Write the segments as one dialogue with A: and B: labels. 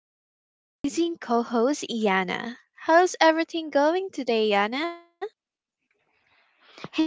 A: is my amazing co host, Yana. How's everything going today, Yana?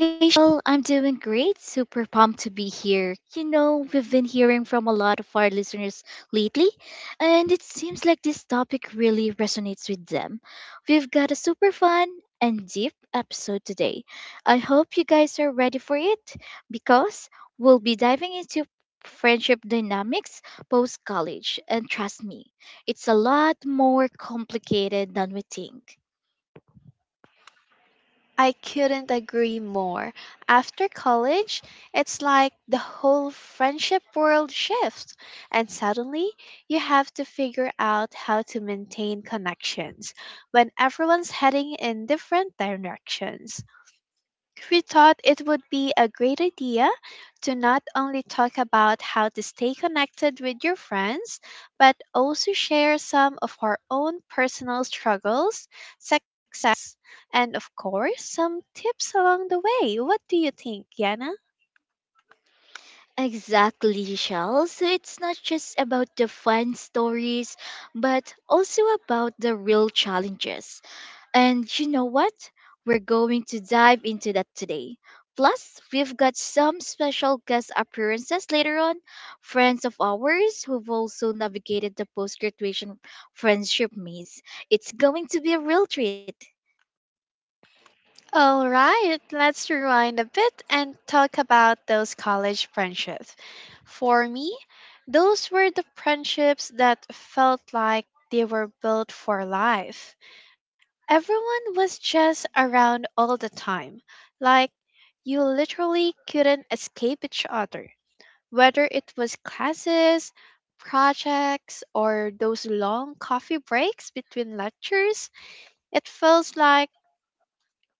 B: Hey, Shell, I'm doing great. Super pumped to be here. You know, we've been hearing from a lot of our listeners lately, and it seems like this topic really resonates with them. We've got a super fun and deep episode today. I hope you guys are ready for it because we'll be diving into friendship dynamics post college, and trust me, it's a lot more complicated than we think.
A: I couldn't agree more. After college, it's like the whole friendship world shifts, and suddenly you have to figure out how to maintain connections when everyone's heading in different directions. We thought it would be a great idea to not only talk about how to stay connected with your friends, but also share some of our own personal struggles, success, and of course, some tips along the way. What do you think, Yana?
B: Exactly, Shell. So it's not just about the fun stories, but also about the real challenges. And you know what? We're going to dive into that today. Plus, we've got some special guest appearances later on, friends of ours who've also navigated the post graduation friendship maze. It's going to be a real treat.
A: All right, let's rewind a bit and talk about those college friendships. For me, those were the friendships that felt like they were built for life. Everyone was just around all the time. Like, you literally couldn't escape each other. Whether it was classes, projects, or those long coffee breaks between lectures, it feels like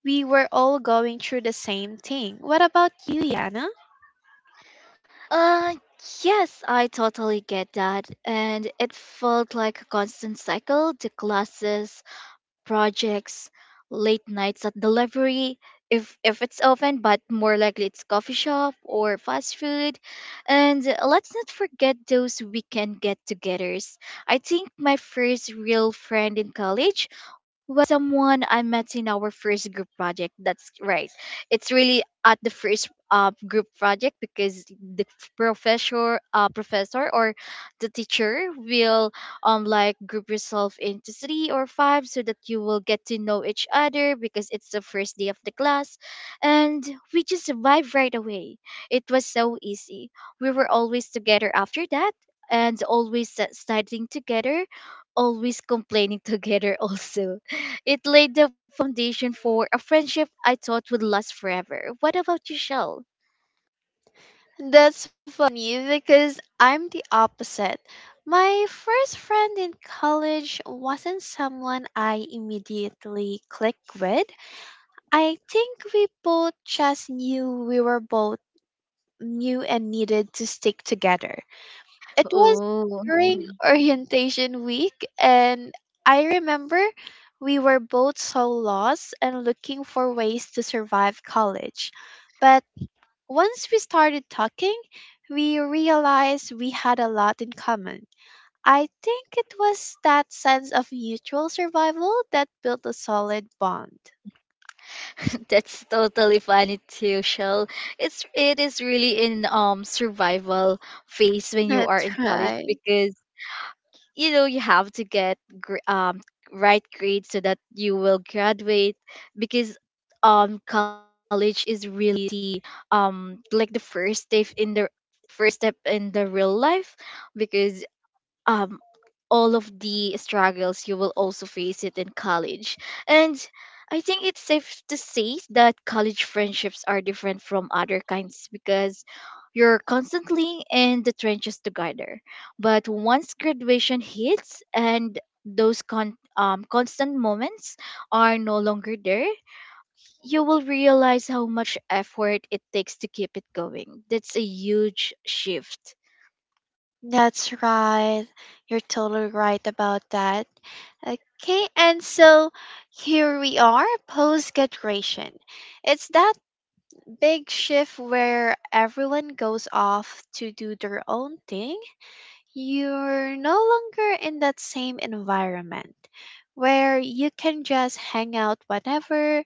A: we were all going through the same thing. What about you, Yana?
B: Uh, yes, I totally get that. And it felt like a constant cycle, the classes, projects, late nights at the library, if it's open, but more likely it's coffee shop or fast food. And let's not forget those weekend get-togethers. I think my first real friend in college was someone I met in our first group project. That's right. It's really at the first group project because the professor professor or the teacher will like group yourself into 3 or 5 so that you will get to know each other because it's the first day of the class, and we just vibe right away. It was so easy. We were always together after that, and always studying together, always complaining together also. It laid the foundation for a friendship I thought would last forever. What about you, Shell?
A: That's me because I'm the opposite. My first friend in college wasn't someone I immediately clicked with. I think we both just knew we were both new and needed to stick together. It was
B: Oh,
A: during orientation week, and I remember we were both so lost and looking for ways to survive college. But once we started talking, we realized we had a lot in common. I think it was that sense of mutual survival that built a solid bond.
B: that's totally funny too, Shell. It is really in survival phase when you are
A: That's
B: in college
A: right.
B: because you know you have to get right grades so that you will graduate, because college is really the like the first step in the real life, because um all of the struggles you will also face it in college. And I think it's safe to say that college friendships are different from other kinds because you're constantly in the trenches together. But once graduation hits and those constant moments are no longer there, you will realize how much effort it takes to keep it going. That's a huge shift.
A: That's right. You're totally right about that. Okay, and so here we are post graduation. It's that big shift where everyone goes off to do their own thing. You're no longer in that same environment where you can just hang out whenever.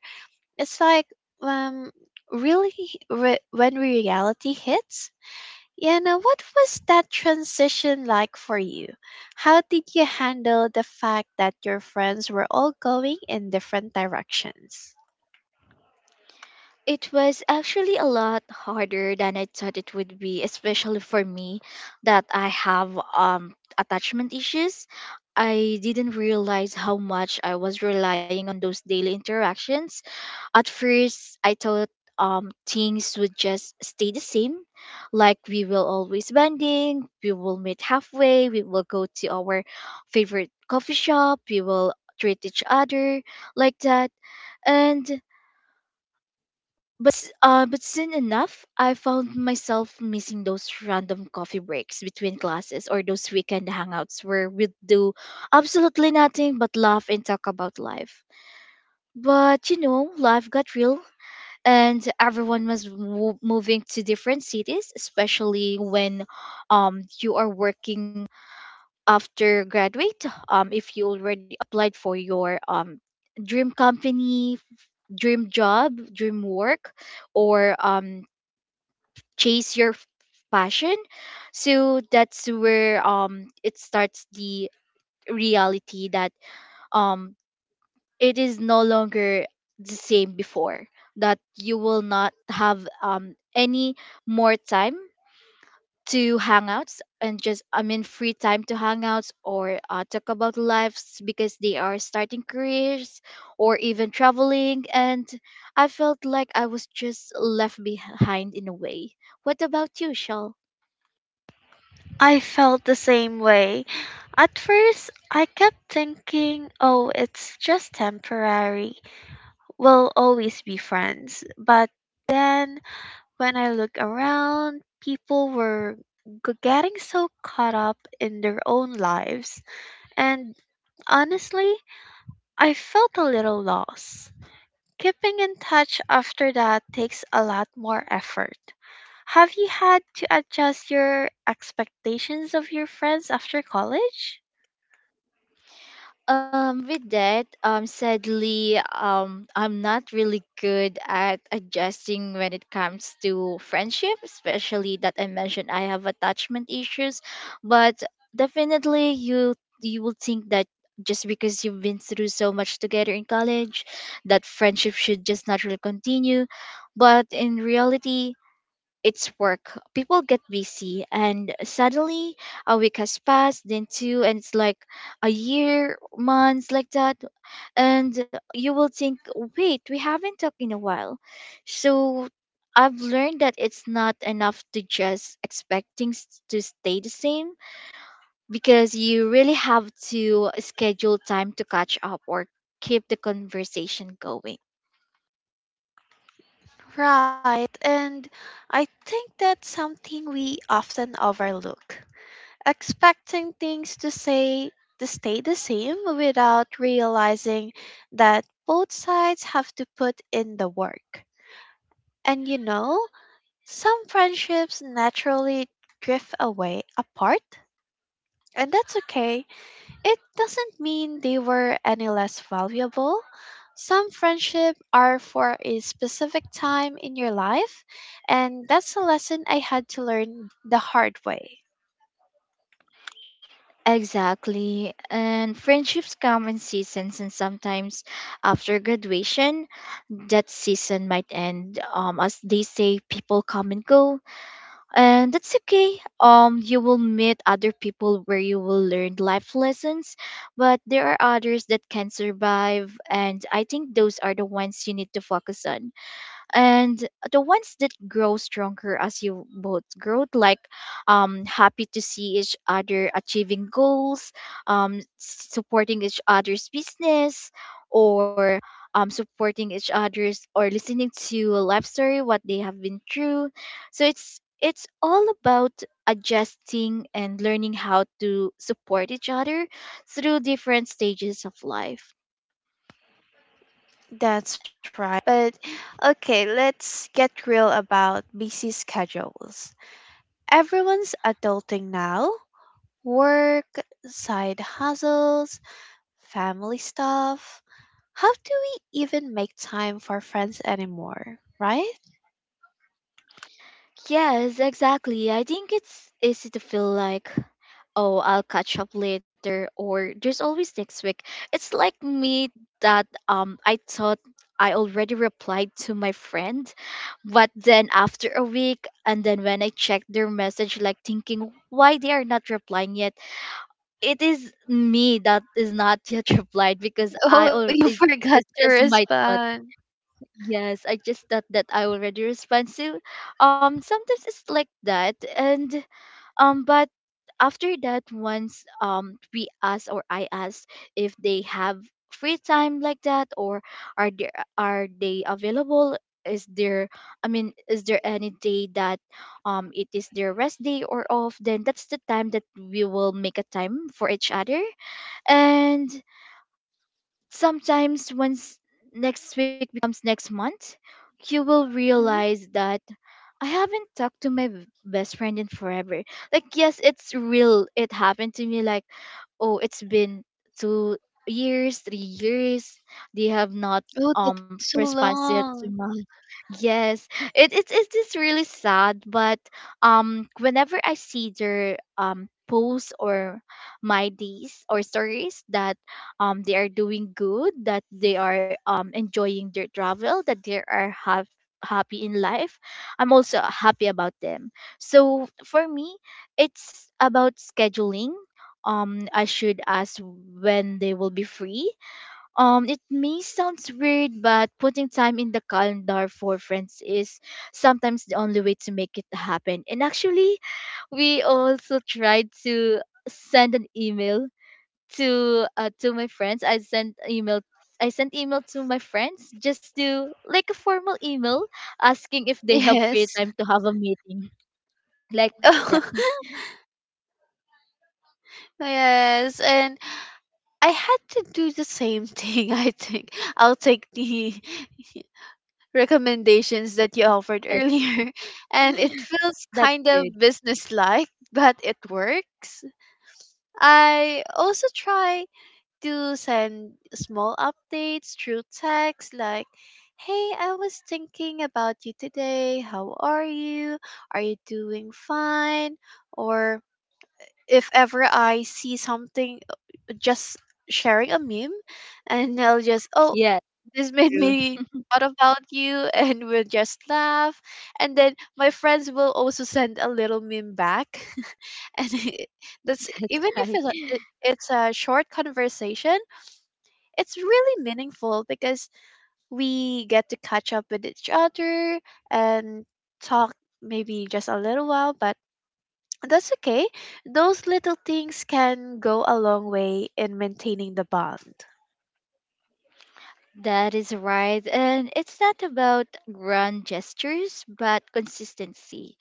A: It's like um really when reality hits. Yeah, now what was that transition like for you? How did you handle the fact that your friends were all going in different directions?
B: It was actually a lot harder than I thought it would be, especially for me that I have attachment issues. I didn't realize how much I was relying on those daily interactions. At first, I thought things would just stay the same, like we will always bonding, we will meet halfway, we will go to our favorite coffee shop, we will treat each other like that. And but soon enough, I found myself missing those random coffee breaks between classes or those weekend hangouts where we'd do absolutely nothing but laugh and talk about life. But you know, life got real, and everyone was moving to different cities, especially when you are working after graduate. If you already applied for your dream company, dream job, dream work, or chase your passion. So that's where it starts the reality that um it is no longer the same before, that you will not have any more time to hangouts and just I mean free time to hangouts or talk about lives because they are starting careers or even traveling. And I felt like I was just left behind in a way. What about you, Shell?
A: I felt the same way. At first, I kept thinking, oh, it's just temporary. We'll always be friends. But then, when I look around, people were getting so caught up in their own lives. And honestly, I felt a little lost. Keeping in touch after that takes a lot more effort. Have you had to adjust your expectations of your friends after college?
B: With that, sadly, I'm not really good at adjusting when it comes to friendship, especially that I mentioned I have attachment issues. But definitely, you will think that just because you've been through so much together in college, that friendship should just naturally continue. But in reality, it's work. People get busy, and suddenly a week has passed, then two, and it's like a year, months like that. And you will think, wait, we haven't talked in a while. So I've learned that it's not enough to just expect things to stay the same because you really have to schedule time to catch up or keep the conversation going.
A: Right, and I think that's something we often overlook. Expecting things to stay the same without realizing that both sides have to put in the work. And you know, some friendships naturally drift away apart, and that's okay. It doesn't mean they were any less valuable. Some friendship are for a specific time in your life, and that's a lesson I had to learn the hard way.
B: Exactly. And friendships come in seasons, and sometimes after graduation, that season might end. As they say, people come and go, and that's okay. You will meet other people where you will learn life lessons, but there are others that can survive, and I think those are the ones you need to focus on, and the ones that grow stronger as you both grow, like happy to see each other achieving goals, supporting each other's business, or supporting each other's or listening to a life story what they have been through. So it's all about adjusting and learning how to support each other through different stages of life.
A: That's right. But okay, let's get real about busy schedules. Everyone's adulting now. Work, side hustles, family stuff. How do we even make time for friends anymore, right?
B: Yes, exactly. I think it's easy to feel like, oh, I'll catch up later, or there's always next week. It's like me that I thought I already replied to my friend, but then after a week, and then when I checked their message, like thinking why they are not replying yet, it is me that is not yet replied because
A: Oh, you forgot
B: it's
A: to
B: just my thought.
A: respond.
B: Yes, I just thought that I already respond. So, sometimes it's like that, and but after that, once we ask or I ask if they have free time like that, or are they, are they available? Is there, I mean, is there any day that it is their rest day or off? Then that's the time that we will make a time for each other. And sometimes once next week becomes next month, you will
A: Hmm.
B: realize that I haven't talked to my best friend in forever. Like, yes, it's real. It happened to me. Like, oh, it's been 2 years, 3 years. They have not
A: Oh, that's so
B: responded yet to
A: long.
B: my. Yes, it is really sad. But whenever I see their posts or my days or stories that they are doing good, that they are enjoying their travel, that they are have happy in life, I'm also happy about them. So for me, it's about scheduling. I should ask when they will be free. It may sound weird, but putting time in the calendar for friends is sometimes the only way to make it happen. And actually, we also tried to send an email to my friends. I sent email. I sent email to my friends just to like a formal email asking if they have free
A: Yes.
B: time to have a meeting like that.
A: Oh, yes. And I had to do the same thing, I think. I'll take the recommendations that you offered earlier. And it feels
B: That's
A: kind of
B: good.
A: business like, but it works. I also try to send small updates through text like, hey, I was thinking about you today, how are you, are you doing fine, or if ever I see something, just sharing a meme and I'll just, oh,
B: Yeah,
A: this made
B: true.
A: me about you, and we'll just laugh. And then my friends will also send a little meme back, and that's,
B: That's
A: even if
B: right.
A: it's a short conversation, it's really meaningful because we get to catch up with each other, and talk maybe just a little while, but that's okay. Those little things can go a long way in maintaining the bond.
B: That is right. And it's not about grand gestures, but consistency.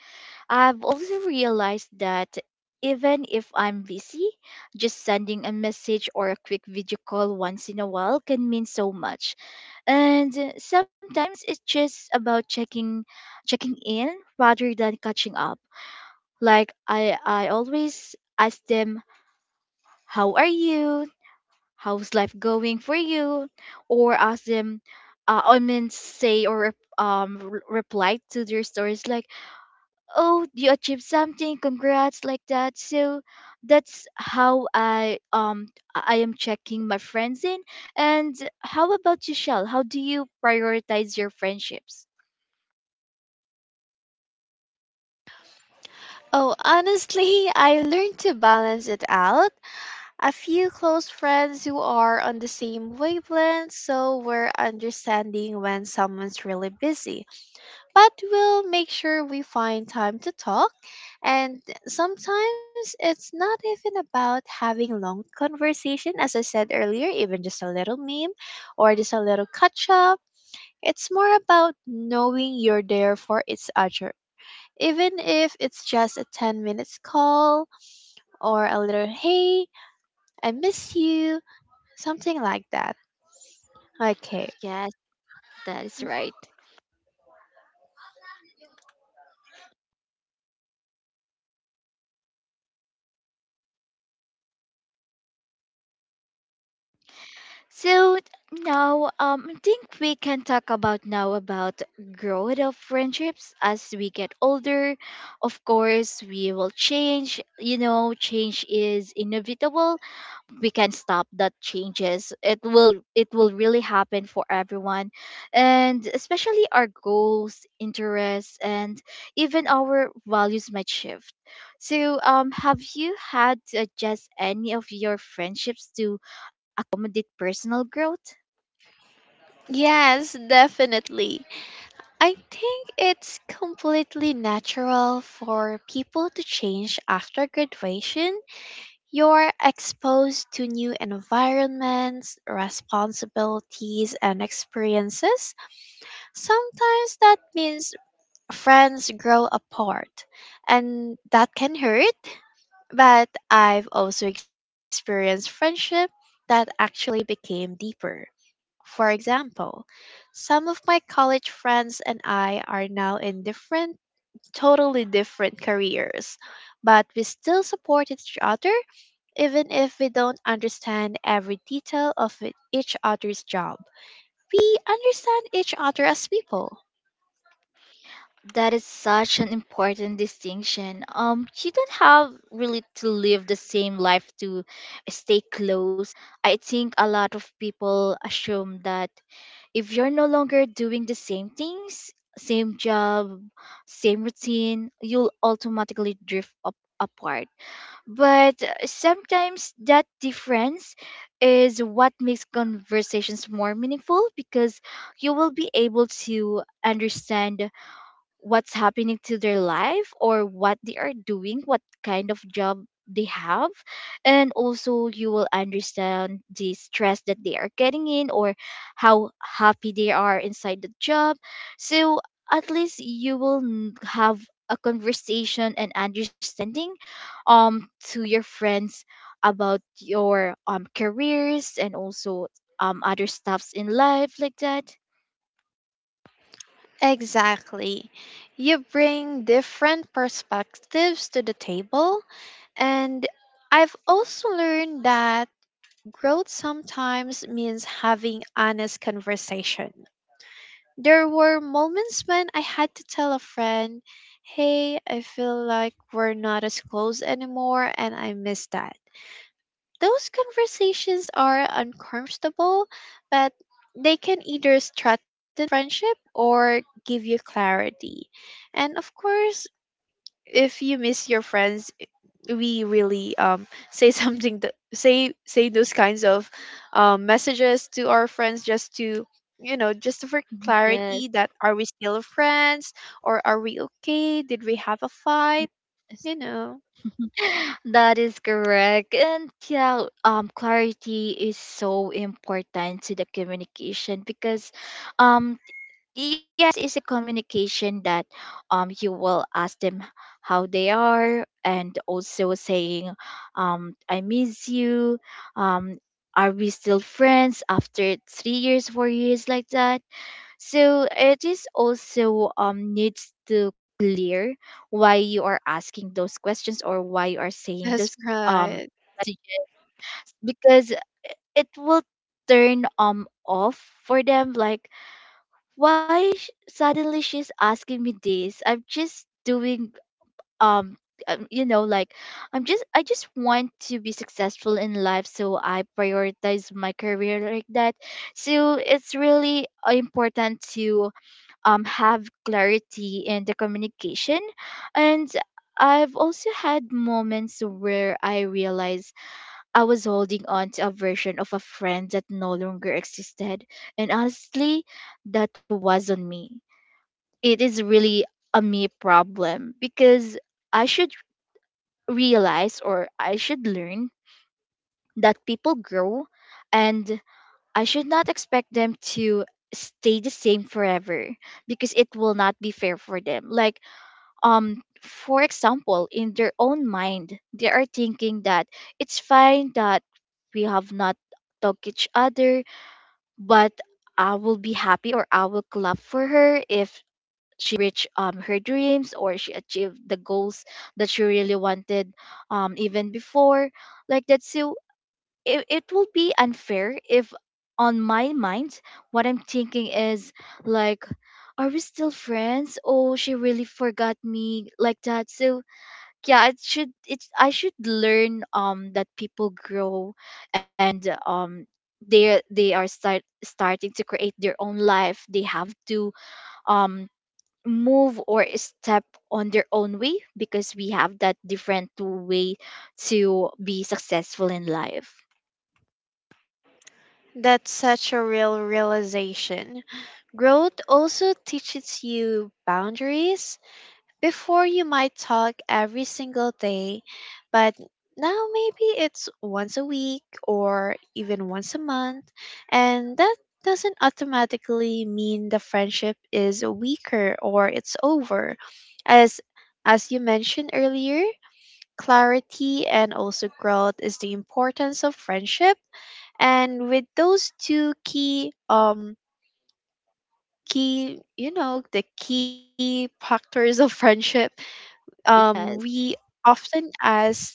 B: I've also realized that even if I'm busy, just sending a message or a quick video call once in a while can mean so much. And sometimes it's just about checking in rather than catching up, like I always ask them, how are you, how's life going for you, or ask them, I mean say, or reply to their stories like, oh you achieved something, congrats, like that. So that's how I am checking my friends in. And how about you, Shell? How do you prioritize your friendships?
A: Oh, honestly, I learned to balance it out. A few close friends who are on the same wavelength so we're understanding when someone's really busy. But we'll make sure we find time to talk, and sometimes it's not even about having long conversation, as I said earlier, even just a little meme or just a little catch up. It's more about knowing you're there for each other. Even if it's just a 10 minutes call or a little hey, I miss you. Something like that. Okay.
B: Yes, that is right. So now, I think we can talk about now about growth of friendships as we get older. Of course, we will change. You know, change is inevitable. We can stop that changes, it will really happen for everyone, and especially our goals, interests, and even our values might shift. So have you had to adjust any of your friendships to accommodate personal growth?
A: Yes, definitely. I think it's completely natural for people to change after graduation. You're exposed to new environments, responsibilities, and experiences. Sometimes that means friends grow apart, and that can hurt. But I've also experienced friendship that actually became deeper. For example, some of my college friends and I are now in different, totally different careers, but we still support each other even if we don't understand every detail of each other's job. We understand each other as people.
B: That is such an important distinction. Um, you don't have really to live the same life to stay close. I think a lot of people assume that if you're no longer doing the same things, same job, same routine, you'll automatically drift up apart. But sometimes that difference is what makes conversations more meaningful, because you will be able to understand what's happening to their life or what they are doing, what kind of job they have. And also, you will understand the stress that they are getting in, or how happy they are inside the job. So, at least you will have a conversation and understanding to your friends about your careers and also other stuffs in life like that.
A: Exactly. You bring different perspectives to the table, and I've also learned that growth sometimes means having honest conversation. There were moments when I had to tell a friend, "Hey, I feel like we're not as close anymore and I miss that." Those conversations are uncomfortable, but they can either strengthen friendship or give you clarity. And of course, if you miss your friends, we really say something, that say those kinds of messages to our friends, just to just for
B: Yes.
A: clarity, that are we still friends, or are we okay, did we have a fight
B: Yes.
A: you know
B: That is correct. And yeah, clarity is so important to the communication because um yeah, it's a communication that you will ask them how they are and also saying, I miss you, um are we still friends after 3 years, 4 years like that? So it is also needs to clear why you are asking those questions, or why you are saying
A: that's
B: those um
A: right.
B: messages, because it will turn off for them. Like, why suddenly she's asking me this? I'm just doing. Um um, you know like i'm just i just want to be successful in life, so I prioritize my career, like that. So it's really important to have clarity in the communication. And I've also had moments where I realized I was holding on to a version of a friend that no longer existed. And honestly, that was on me. It is really a me problem, because I should realize, or I should learn, that people grow, and I should not expect them to stay the same forever, because it will not be fair for them. Like, for example, in their own mind they are thinking that it's fine that we have not talked each other, but I will be happy, or I will clap for her if reach her dreams, or she achieved the goals that she really wanted, even before, like that. So it will be unfair if on my mind what I'm thinking is, like, are we still friends? Oh, she really forgot me, like that. So, yeah, it should it's I should learn that people grow. And they are starting to create their own life. They have to um move or step on their own way, because we have that different way to be successful in life.
A: That's such a real realization. Growth also teaches you boundaries. Before you might talk every single day, but now maybe it's once a week or even once a month, and that doesn't automatically mean the friendship is weaker or it's over. As as you mentioned earlier, clarity and also growth is the importance of friendship, and with those two key key you know the key factors of friendship, we
B: Yes.
A: often ask,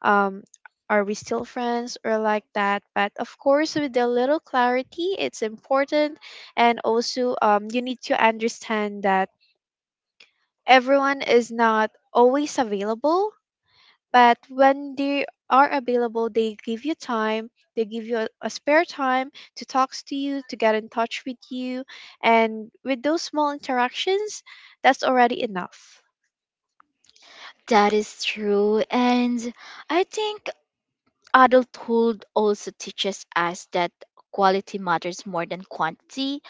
A: um are we still friends or like that, but of course with a little clarity it's important. And also, you need to understand that everyone is not always available, but when they are available they give you time, they give you a spare time to talk to you, to get in touch with you, and with those small interactions that's already enough.
B: That is true. And I think adulthood also teaches us that quality matters more than quantity.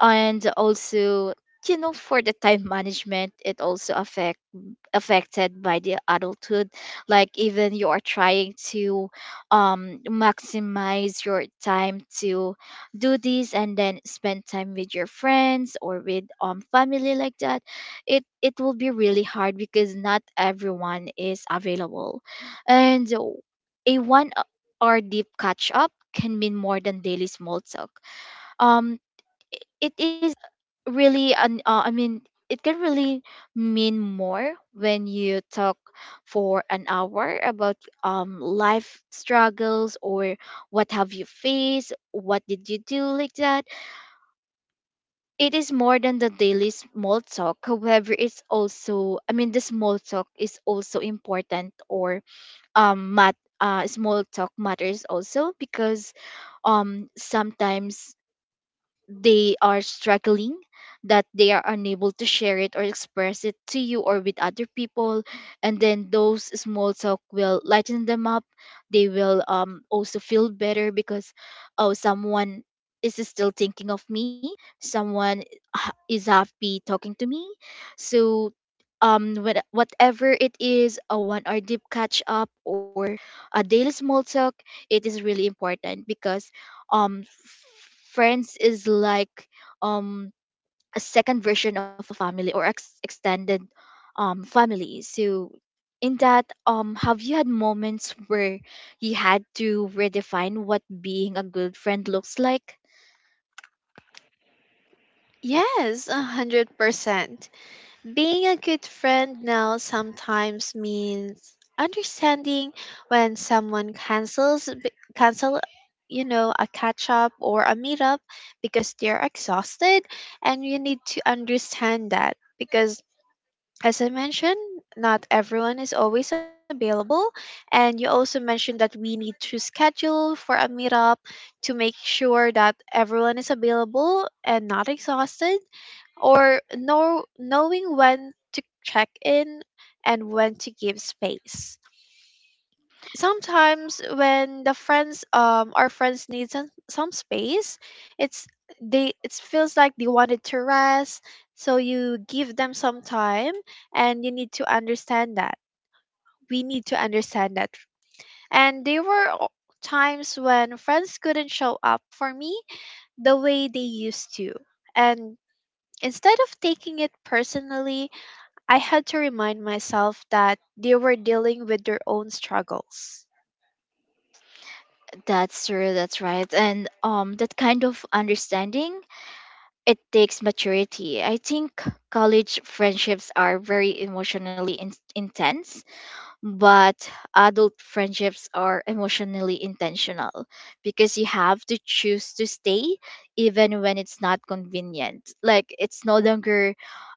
B: And also, for the time management, it also affects affected by the adulthood. Like, even you are trying to maximize your time to do this, and then spend time with your friends or with family, like that, it will be really hard, because not everyone is available. And a 1 hour deep catch up can mean more than daily small talk. um it is really an I mean, it can really mean more when you talk for an hour about life struggles, or what have you faced, what did you do, like that. It is more than the daily small talk. However, it's also, I mean, the small talk is also important. Or, small talk matters also, because sometimes they are struggling, that they are unable to share it or express it to you or with other people. And then those small talk will lighten them up. They will also feel better, because, oh, someone is still thinking of me. Someone is happy talking to me. So, whatever it is, a 1 hour deep catch up or a daily small talk, it is really important. Because um f- friends is like um a second version of a family, or extended family. So, in that, have you had moments where you had to redefine what being a good friend looks like?
A: Yes, 100%. Being a good friend now sometimes means understanding when someone cancels cancel, you know, a catch up or a meetup because they're exhausted, and you need to understand that because, as I mentioned, not everyone is always available, and you also mentioned that we need to schedule for a meetup to make sure that everyone is available and not exhausted, or know, knowing when to check in and when to give space. Sometimes when the friends our friends need some space, it's, they, it feels like they wanted to rest, so you give them some time and you need to understand that. We need to understand that. And there were times when friends couldn't show up for me the way they used to. And instead of taking it personally, I had to remind myself that they were dealing with their own struggles.
B: That's true, that's right. And that kind of understanding, it takes maturity, I think. College friendships are very emotionally intense. But adult friendships are emotionally intentional, because you have to choose to stay even when it's not convenient. Like, it's no longer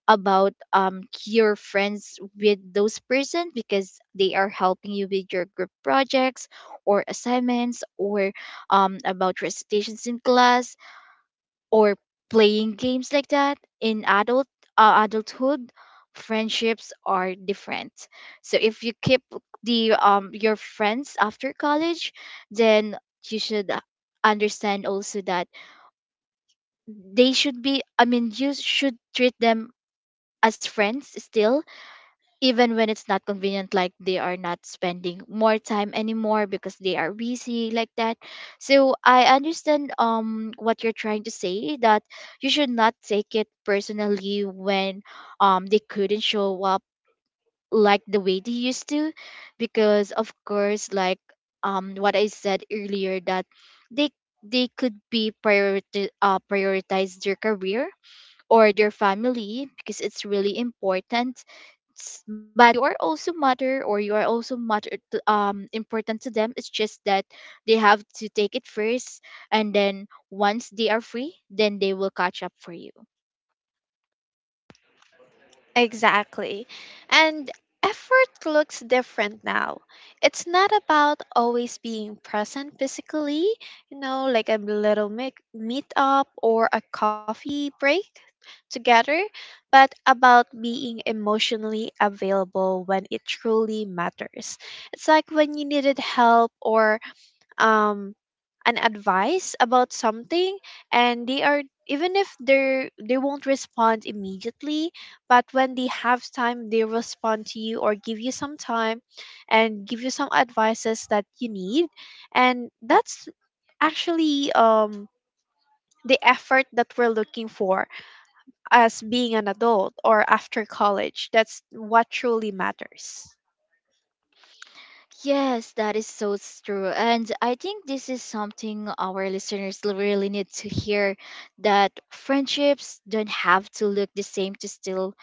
B: about your friends with those person because they are helping you with your group projects or assignments, or about recitations in class, or playing games, like that. In adulthood, friendships are different. So if you keep the your friends after college, then you should understand also that they should be I mean, you should treat them as friends still, even when it's not convenient, like they are not spending more time anymore because they are busy, like that. So I understand what you're trying to say, that you should not take it personally when they couldn't show up like the way they used to. Because, of course, like, what I said earlier, that they they could be priority prioritize their career or their family, because it's really important. But you are also matter, or you are also matter to, important to them. It's just that they have to take it first, and then once they are free, then they will catch up for you.
A: Exactly. And effort looks different now. It's not about always being present physically, like a little meetup or a coffee break together, but about being emotionally available when it truly matters. It's like when you needed help or um an advice about something, and they are even if they won't respond immediately, but when they have time they respond to you or give you some time and give you some advices that you need, and that's actually the effort that we're looking for, as being an adult or after college, that's what truly matters.
B: Yes, that is so true. And I think this is something our listeners really need to hear, that friendships don't have to look the same to still,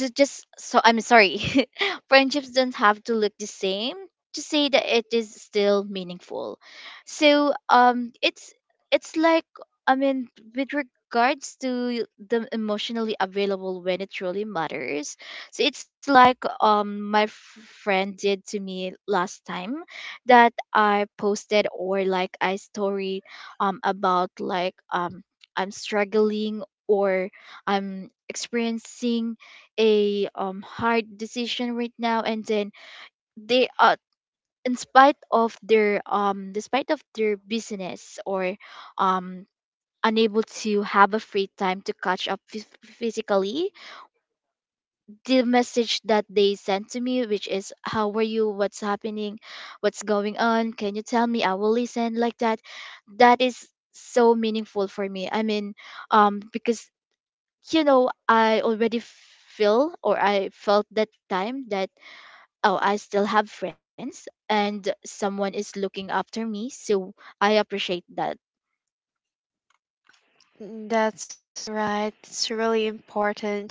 B: to just, so I'm sorry, friendships don't have to look the same to say that it is still meaningful. So, it's, it's like, I mean, with regards to the emotionally available when it truly matters. So it's like, friend did to me last time. That I posted, or like I story, about, like, I'm struggling, or I'm experiencing a hard decision right now. And then they, in spite of their, despite of their business, or um unable to have a free time to catch up physically, the message that they sent to me, which is, how are you? What's happening? What's going on? Can you tell me? I will listen, like that. That is so meaningful for me. I mean, because, I already feel or I felt that time that, oh, I still have friends, and someone is looking after me. So I appreciate that.
A: That's right. It's really important.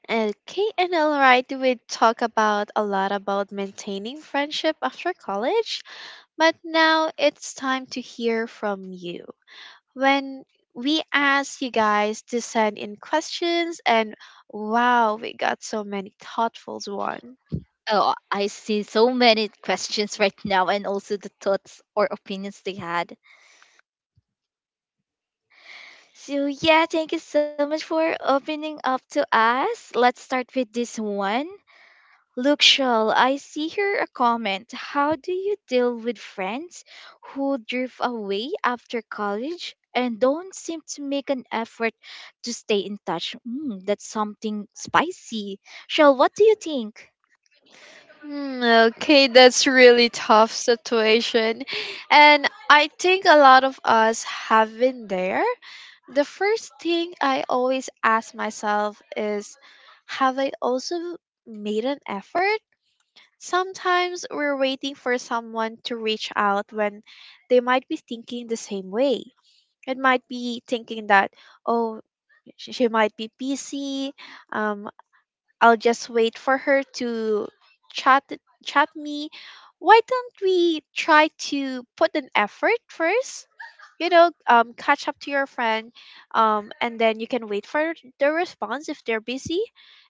A: Okay, and all right, we talk about a lot about maintaining friendship after college, but now it's time to hear from you. When we asked you guys to send in questions, and wow, we got so many thoughtful ones.
B: Oh, I see so many questions right now, and also the thoughts or opinions they had. So, yeah, thank you so much for opening up to us. Let's start with this one. Look, Shell, I see here a comment. How do you deal with friends who drift away after college and don't seem to make an effort to stay in touch? Mm, that's something spicy. Shell, what do you think?
A: Mm, okay, that's really tough situation. And I think a lot of us have been there. The first thing I always ask myself is, have I also made an effort? Sometimes we're waiting for someone to reach out when they might be thinking the same way. It might be thinking that, oh, she might be busy, um, I'll just wait for her to chat chat me. Why don't we try to put an effort first? Catch up to your friend, and then you can wait for their response if they're busy,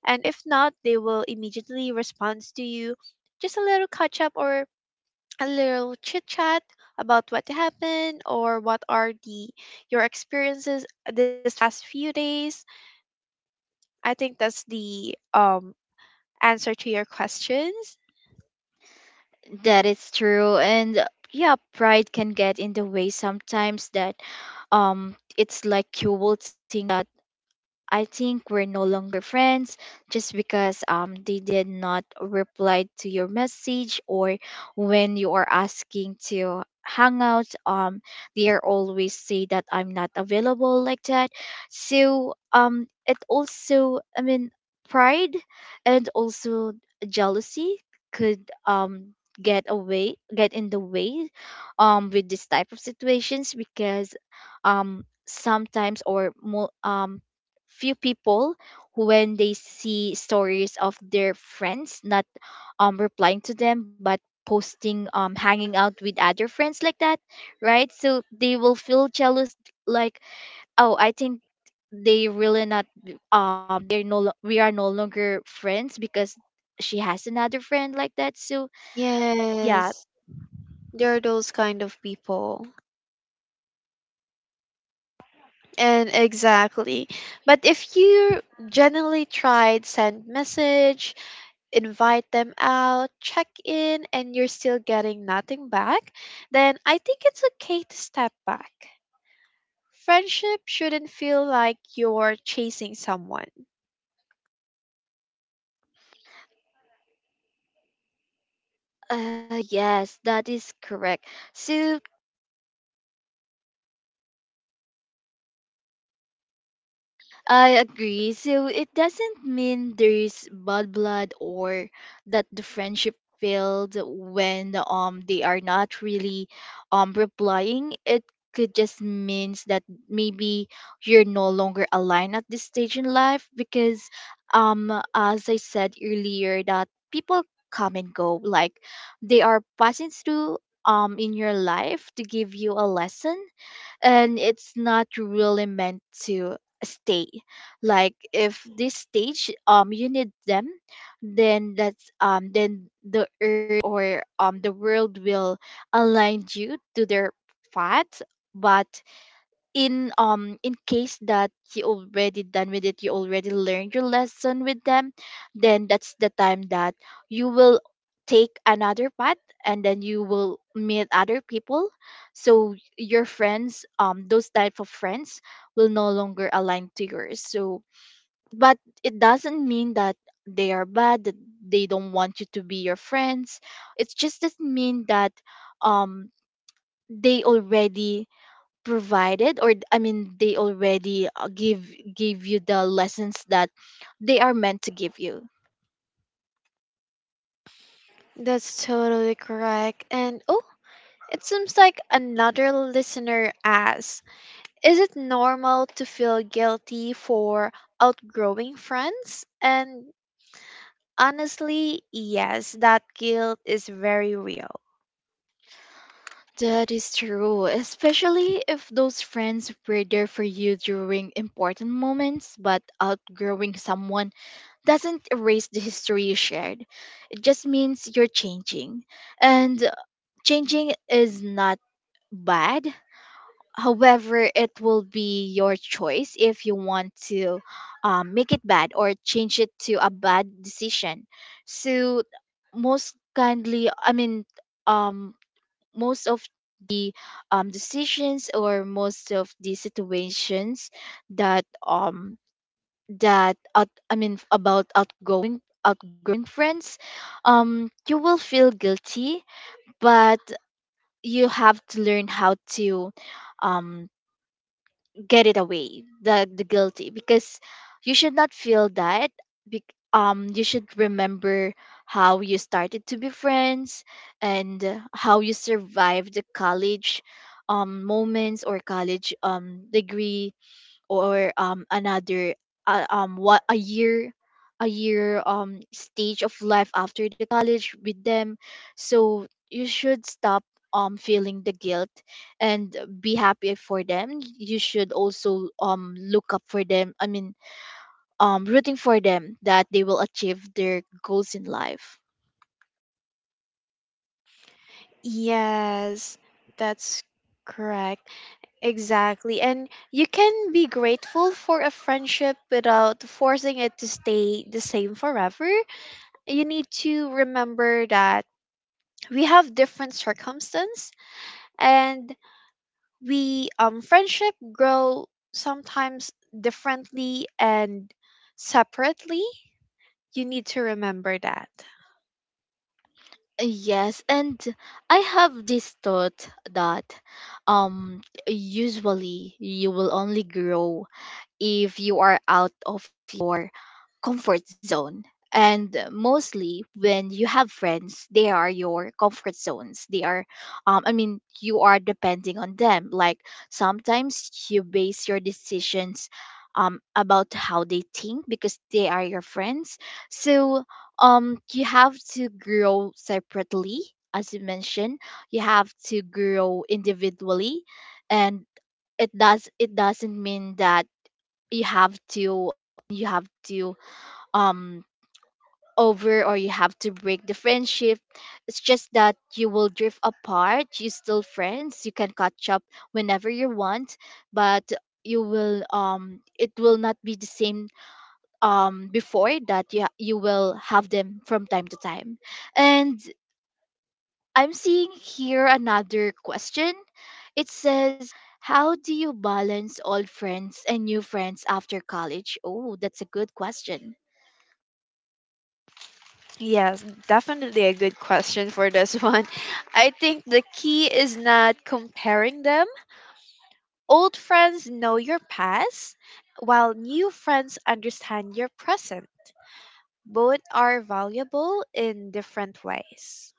A: and if not, they will immediately respond to you. Just a little catch up or a little chit chat about what happened or what are the your experiences this past few days. I think that's the answer to your questions.
B: That is true. And yeah, pride can get in the way sometimes, that it's like you will think. I think we're no longer friends just because they did not reply to your message, or when you are asking to hang out, they are always say that I'm not available, like that. So, it also, I mean, pride, and also jealousy, could get in the way with this type of situations. Because sometimes, or few people who, when they see stories of their friends not replying to them, but posting, hanging out with other friends, like that, right, so they will feel jealous. Like, oh, I think they really not, they're we are no longer friends because she has another friend, like that, so. Yeah.
A: Yes, there are those kind of people. And exactly. But if you generally tried send message, invite them out, check in, and you're still getting nothing back, then I think it's okay to step back. Friendship shouldn't feel like you're chasing someone.
B: Yes, that is correct. So I agree. So it doesn't mean there's bad blood, or that the friendship failed when they are not really replying. It could just means that maybe you're no longer aligned at this stage in life. Because as I said earlier, that people come and go, like they are passing through in your life to give you a lesson, and it's not really meant to stay. Like, if this stage you need them, then that's then the earth, or the world will align you to their path. But in case that you already done with it, you already learned your lesson with them, then that's the time that you will take another path, and then you will meet other people. So your friends, those type of friends will no longer align to yours, so. But it doesn't mean that they are bad, that they don't want you to be your friends. It just doesn't mean that, um they already provided, or I mean, they already give you the lessons that they are meant to give you.
A: That's totally correct. And oh, it seems like another listener asks, is it normal to feel guilty for outgrowing friends? And honestly, yes, that guilt is very real.
B: That is true, especially if those friends were there for you during important moments. But outgrowing someone doesn't erase the history you shared. It just means you're changing, and changing is not bad. However, it will be your choice if you want to make it bad, or change it to a bad decision. So, most kindly, I mean, um, most of decisions or most of the situations that um I mean about outgoing friends, you will feel guilty, but you have to learn how to um get it away the guilty, because you should not feel that. Bec You should remember how you started to be friends, and how you survived the college moments or college degree, or another what a year stage of life after the college with them. So you should stop feeling the guilt and be happy for them. You should also look up for them, I mean, rooting for them that they will achieve their goals in life.
A: Yes, that's correct. Exactly. And you can be grateful for a friendship without forcing it to stay the same forever. You need to remember that we have different circumstance, and we friendship grow sometimes differently and separately, you need to remember that.
B: Yes, and I have this thought that um usually you will only grow if you are out of your comfort zone. And mostly when you have friends, they are your comfort zones. They are, I mean, you are depending on them. Like, sometimes you base your decisions about how they think, because they are your friends. So you have to grow separately, as you mentioned. You have to grow individually, and it doesn't mean that you have to you have to um over, or you have to break the friendship. It's just that you will drift apart. You still friends, you can catch up whenever you want. But you will it will not be the same. Before that, you will have them from time to time. And I'm seeing here another question. It says, how do you balance old friends and new friends after college? Oh, that's a good question.
A: Yes, definitely a good question for this one. I think the key is not comparing them. Old friends know your past, while new friends understand your present. Both are valuable in different ways.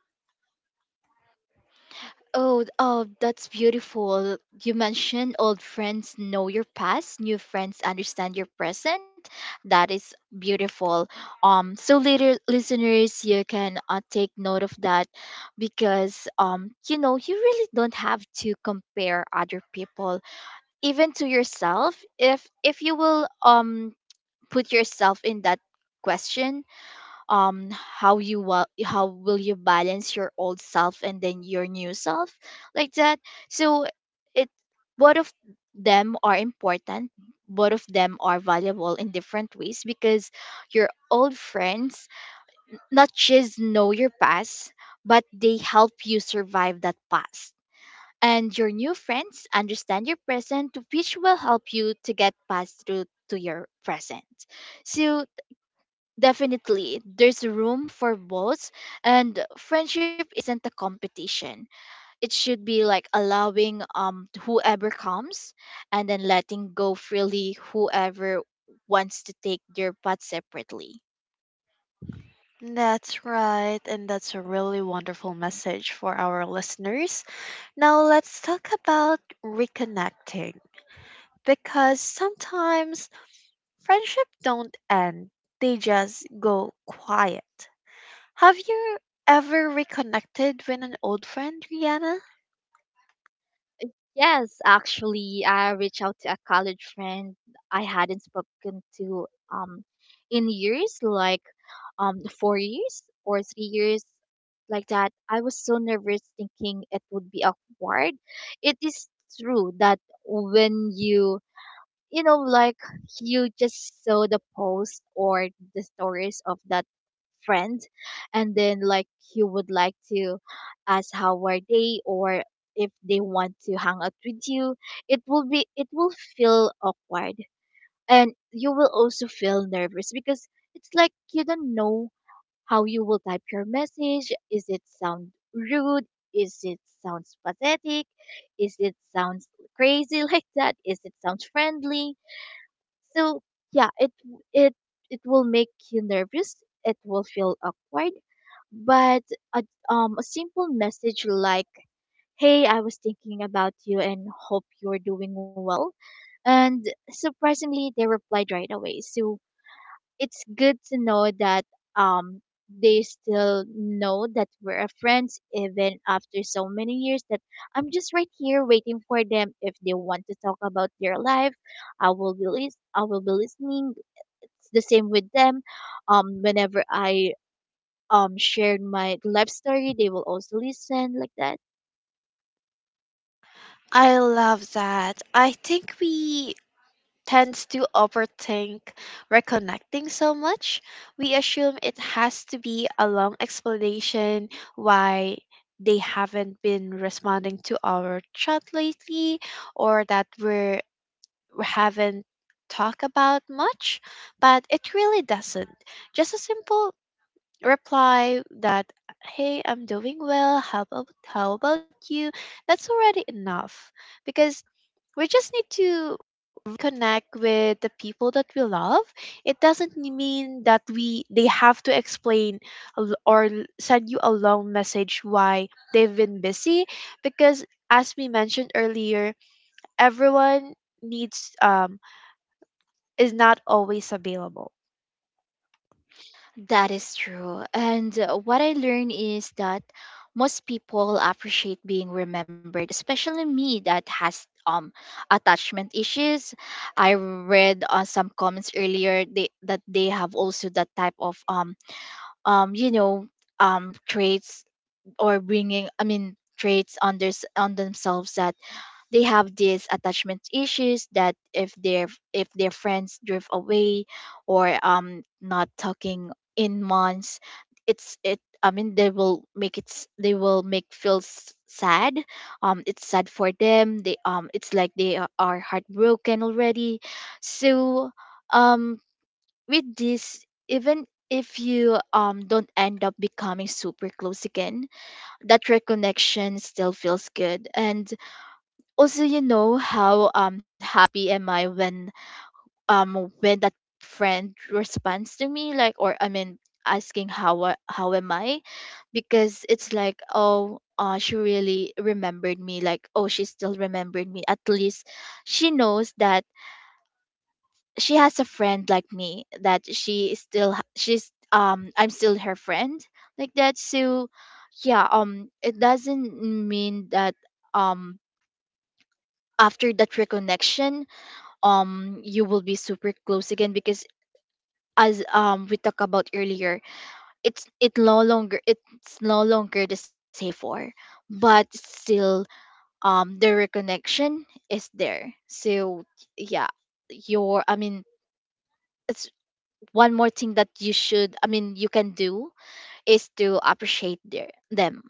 B: Oh, oh, that's beautiful. You mentioned old friends know your past, new friends understand your present. That is beautiful. So later, listeners, you can take note of that, because you really don't have to compare other people, even to yourself. If you will put yourself in that question, how will you balance your old self and then your new self, like that. So it both of them are important. Both of them are valuable in different ways, because your old friends not just know your past, but they help you survive that past. And your new friends understand your present, which will help you to get past through to your present. So definitely, there's room for both, and friendship isn't a competition. It should be like allowing whoever comes, and then letting go freely whoever wants to take their path separately.
A: That's right, and that's a really wonderful message for our listeners. Now, let's talk about reconnecting, because sometimes friendship don't end, they just go quiet. Have you ever reconnected with an old friend, Rihanna?
B: Yes, actually, I reached out to a college friend I hadn't spoken to in years, like 4 years or 3 years, like that. I was so nervous thinking it would be awkward. It is true that when you you know, like, you just saw the post or the stories of that friend, and then, like, you would like to ask how are they, or if they want to hang out with you, it will feel awkward. And you will also feel nervous, because it's like you don't know how you will type your message. Is it sound rude? Is it sounds pathetic? Is it sounds crazy like that? Is it sounds friendly? So yeah, it it will make you nervous. It will feel awkward. But a, a simple message like, "Hey, I was thinking about you and hope you're doing well." And surprisingly, they replied right away. So it's good to know that um they still know that we're a friends even after so many years, that I'm just right here waiting for them. If they want to talk about their life, I will be listening. It's the same with them, whenever I shared my life story, they will also listen, like that.
A: I love that. I think we tends to overthink reconnecting so much. We assume it has to be a long explanation why they haven't been responding to our chat lately, or that we haven't talked about much, but it really doesn't. Just a simple reply that, hey, I'm doing well, how about you? That's already enough, because we just need to connect with the people that we love. It doesn't mean that we they have to explain a l- or l- send you a long message why they've been busy, because as we mentioned earlier, everyone needs is not always available.
B: That is true. And what I learned is that most people appreciate being remembered, especially me that has attachment issues. I read on some comments earlier, they, that they have also that type of um you know traits, or bringing I mean traits on on themselves, that they have these attachment issues, that if their friends drift away, or not talking in months. It's it I mean, they will they will make feel sad. It's sad for them. They It's like they are heartbroken already. So um with this, even if you don't end up becoming super close again, that reconnection still feels good. And also, you know how happy am I when that friend responds to me, like, or I mean asking how how am I, because it's like, oh, she really remembered me, like, oh, she still remembered me, at least. She knows that she has a friend like me, that she is still h- she's I'm still her friend, like that. So yeah, it doesn't mean that um after that reconnection, you will be super close again, because as we talked about earlier, it's no longer the same before. But still, the reconnection is there. So yeah, your I mean, it's one more thing that you should, I mean, you can do, is to appreciate their them.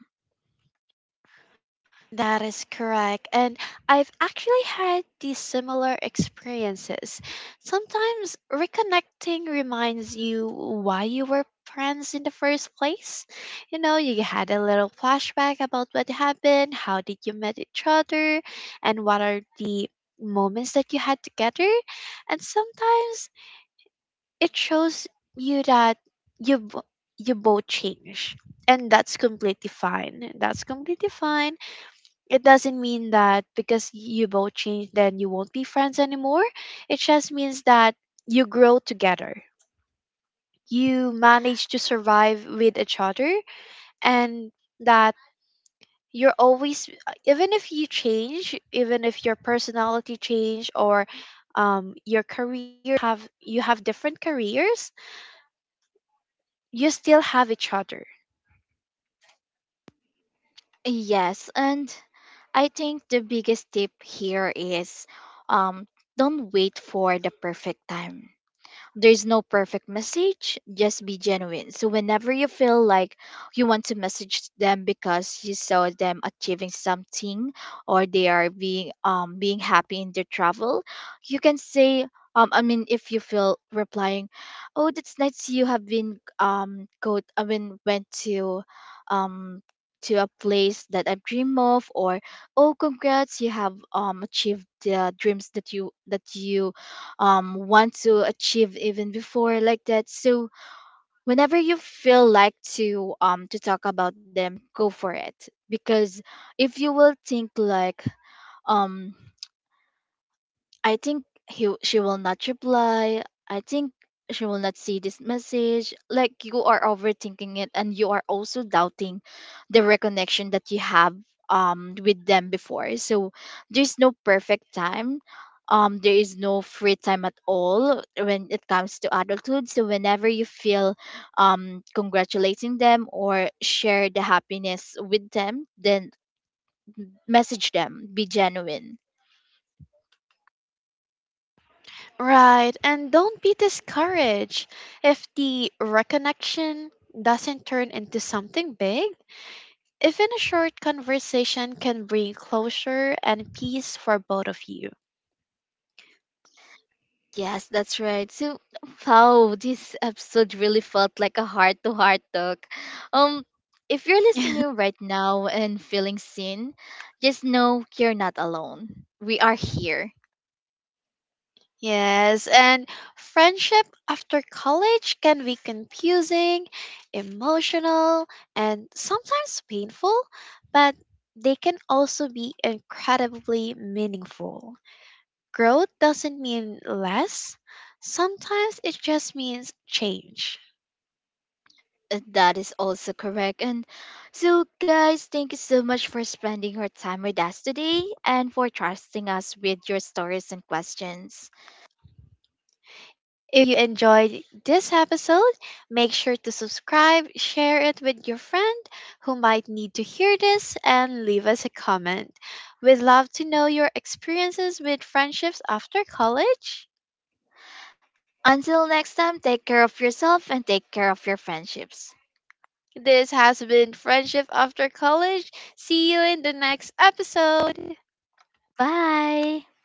A: That is correct. And I've actually had these similar experiences. Sometimes reconnecting reminds you why you were friends in the first place. You know, you had a little flashback about what happened, how did you met each other, and what are the moments that you had together. And sometimes it shows you that you bo- you both change. And that's completely fine. That's completely fine, it doesn't mean that because you both change then you won't be friends anymore, it just means that you grow together, you manage to survive with each other, and that you're always, even if you change, even if your personality change or, your career, have you have different careers, you still have each other.
B: Yes, and I think the biggest tip here is, um don't wait for the perfect time. There's no perfect message, just be genuine. So, whenever you feel like you want to message them because you saw them achieving something, or they are being happy in their travel, you can say, I mean, if you feel replying, oh, that's nice, you have been go I mean, went um to a place that I dream of. Or, oh, congrats, you have achieved the dreams that you want to achieve, even before, like that. So whenever you feel like to talk about them, go for it. Because if you will think, like, um I think she will not reply. I think she will not see this message. Like, you are overthinking it, and you are also doubting the reconnection that you have with them before. So there's no perfect time. There is no free time at all when it comes to adulthood. So whenever you feel congratulating them, or share the happiness with them, then message them, be genuine.
A: Right, and don't be discouraged if the reconnection doesn't turn into something big. Even a short conversation can bring closure and peace for both of you.
B: Yes, that's right. So, wow, this episode really felt like a heart-to-heart talk. Um, if you're listening right now and feeling seen, just know you're not alone. We are here.
A: Yes, and friendship after college can be confusing, emotional, and sometimes painful, but they can also be incredibly meaningful. Growth doesn't mean less, sometimes it just means change.
B: That is also correct. And so, guys, thank you so much for spending your time with us today and for trusting us with your stories and questions.
A: If you enjoyed this episode, make sure to subscribe, share it with your friend who might need to hear this, and leave us a comment. We'd love to know your experiences with friendships after college.
B: Until next time, take care of yourself and take care of your friendships.
A: This has been Friendship After College. See you in the next episode.
B: Bye.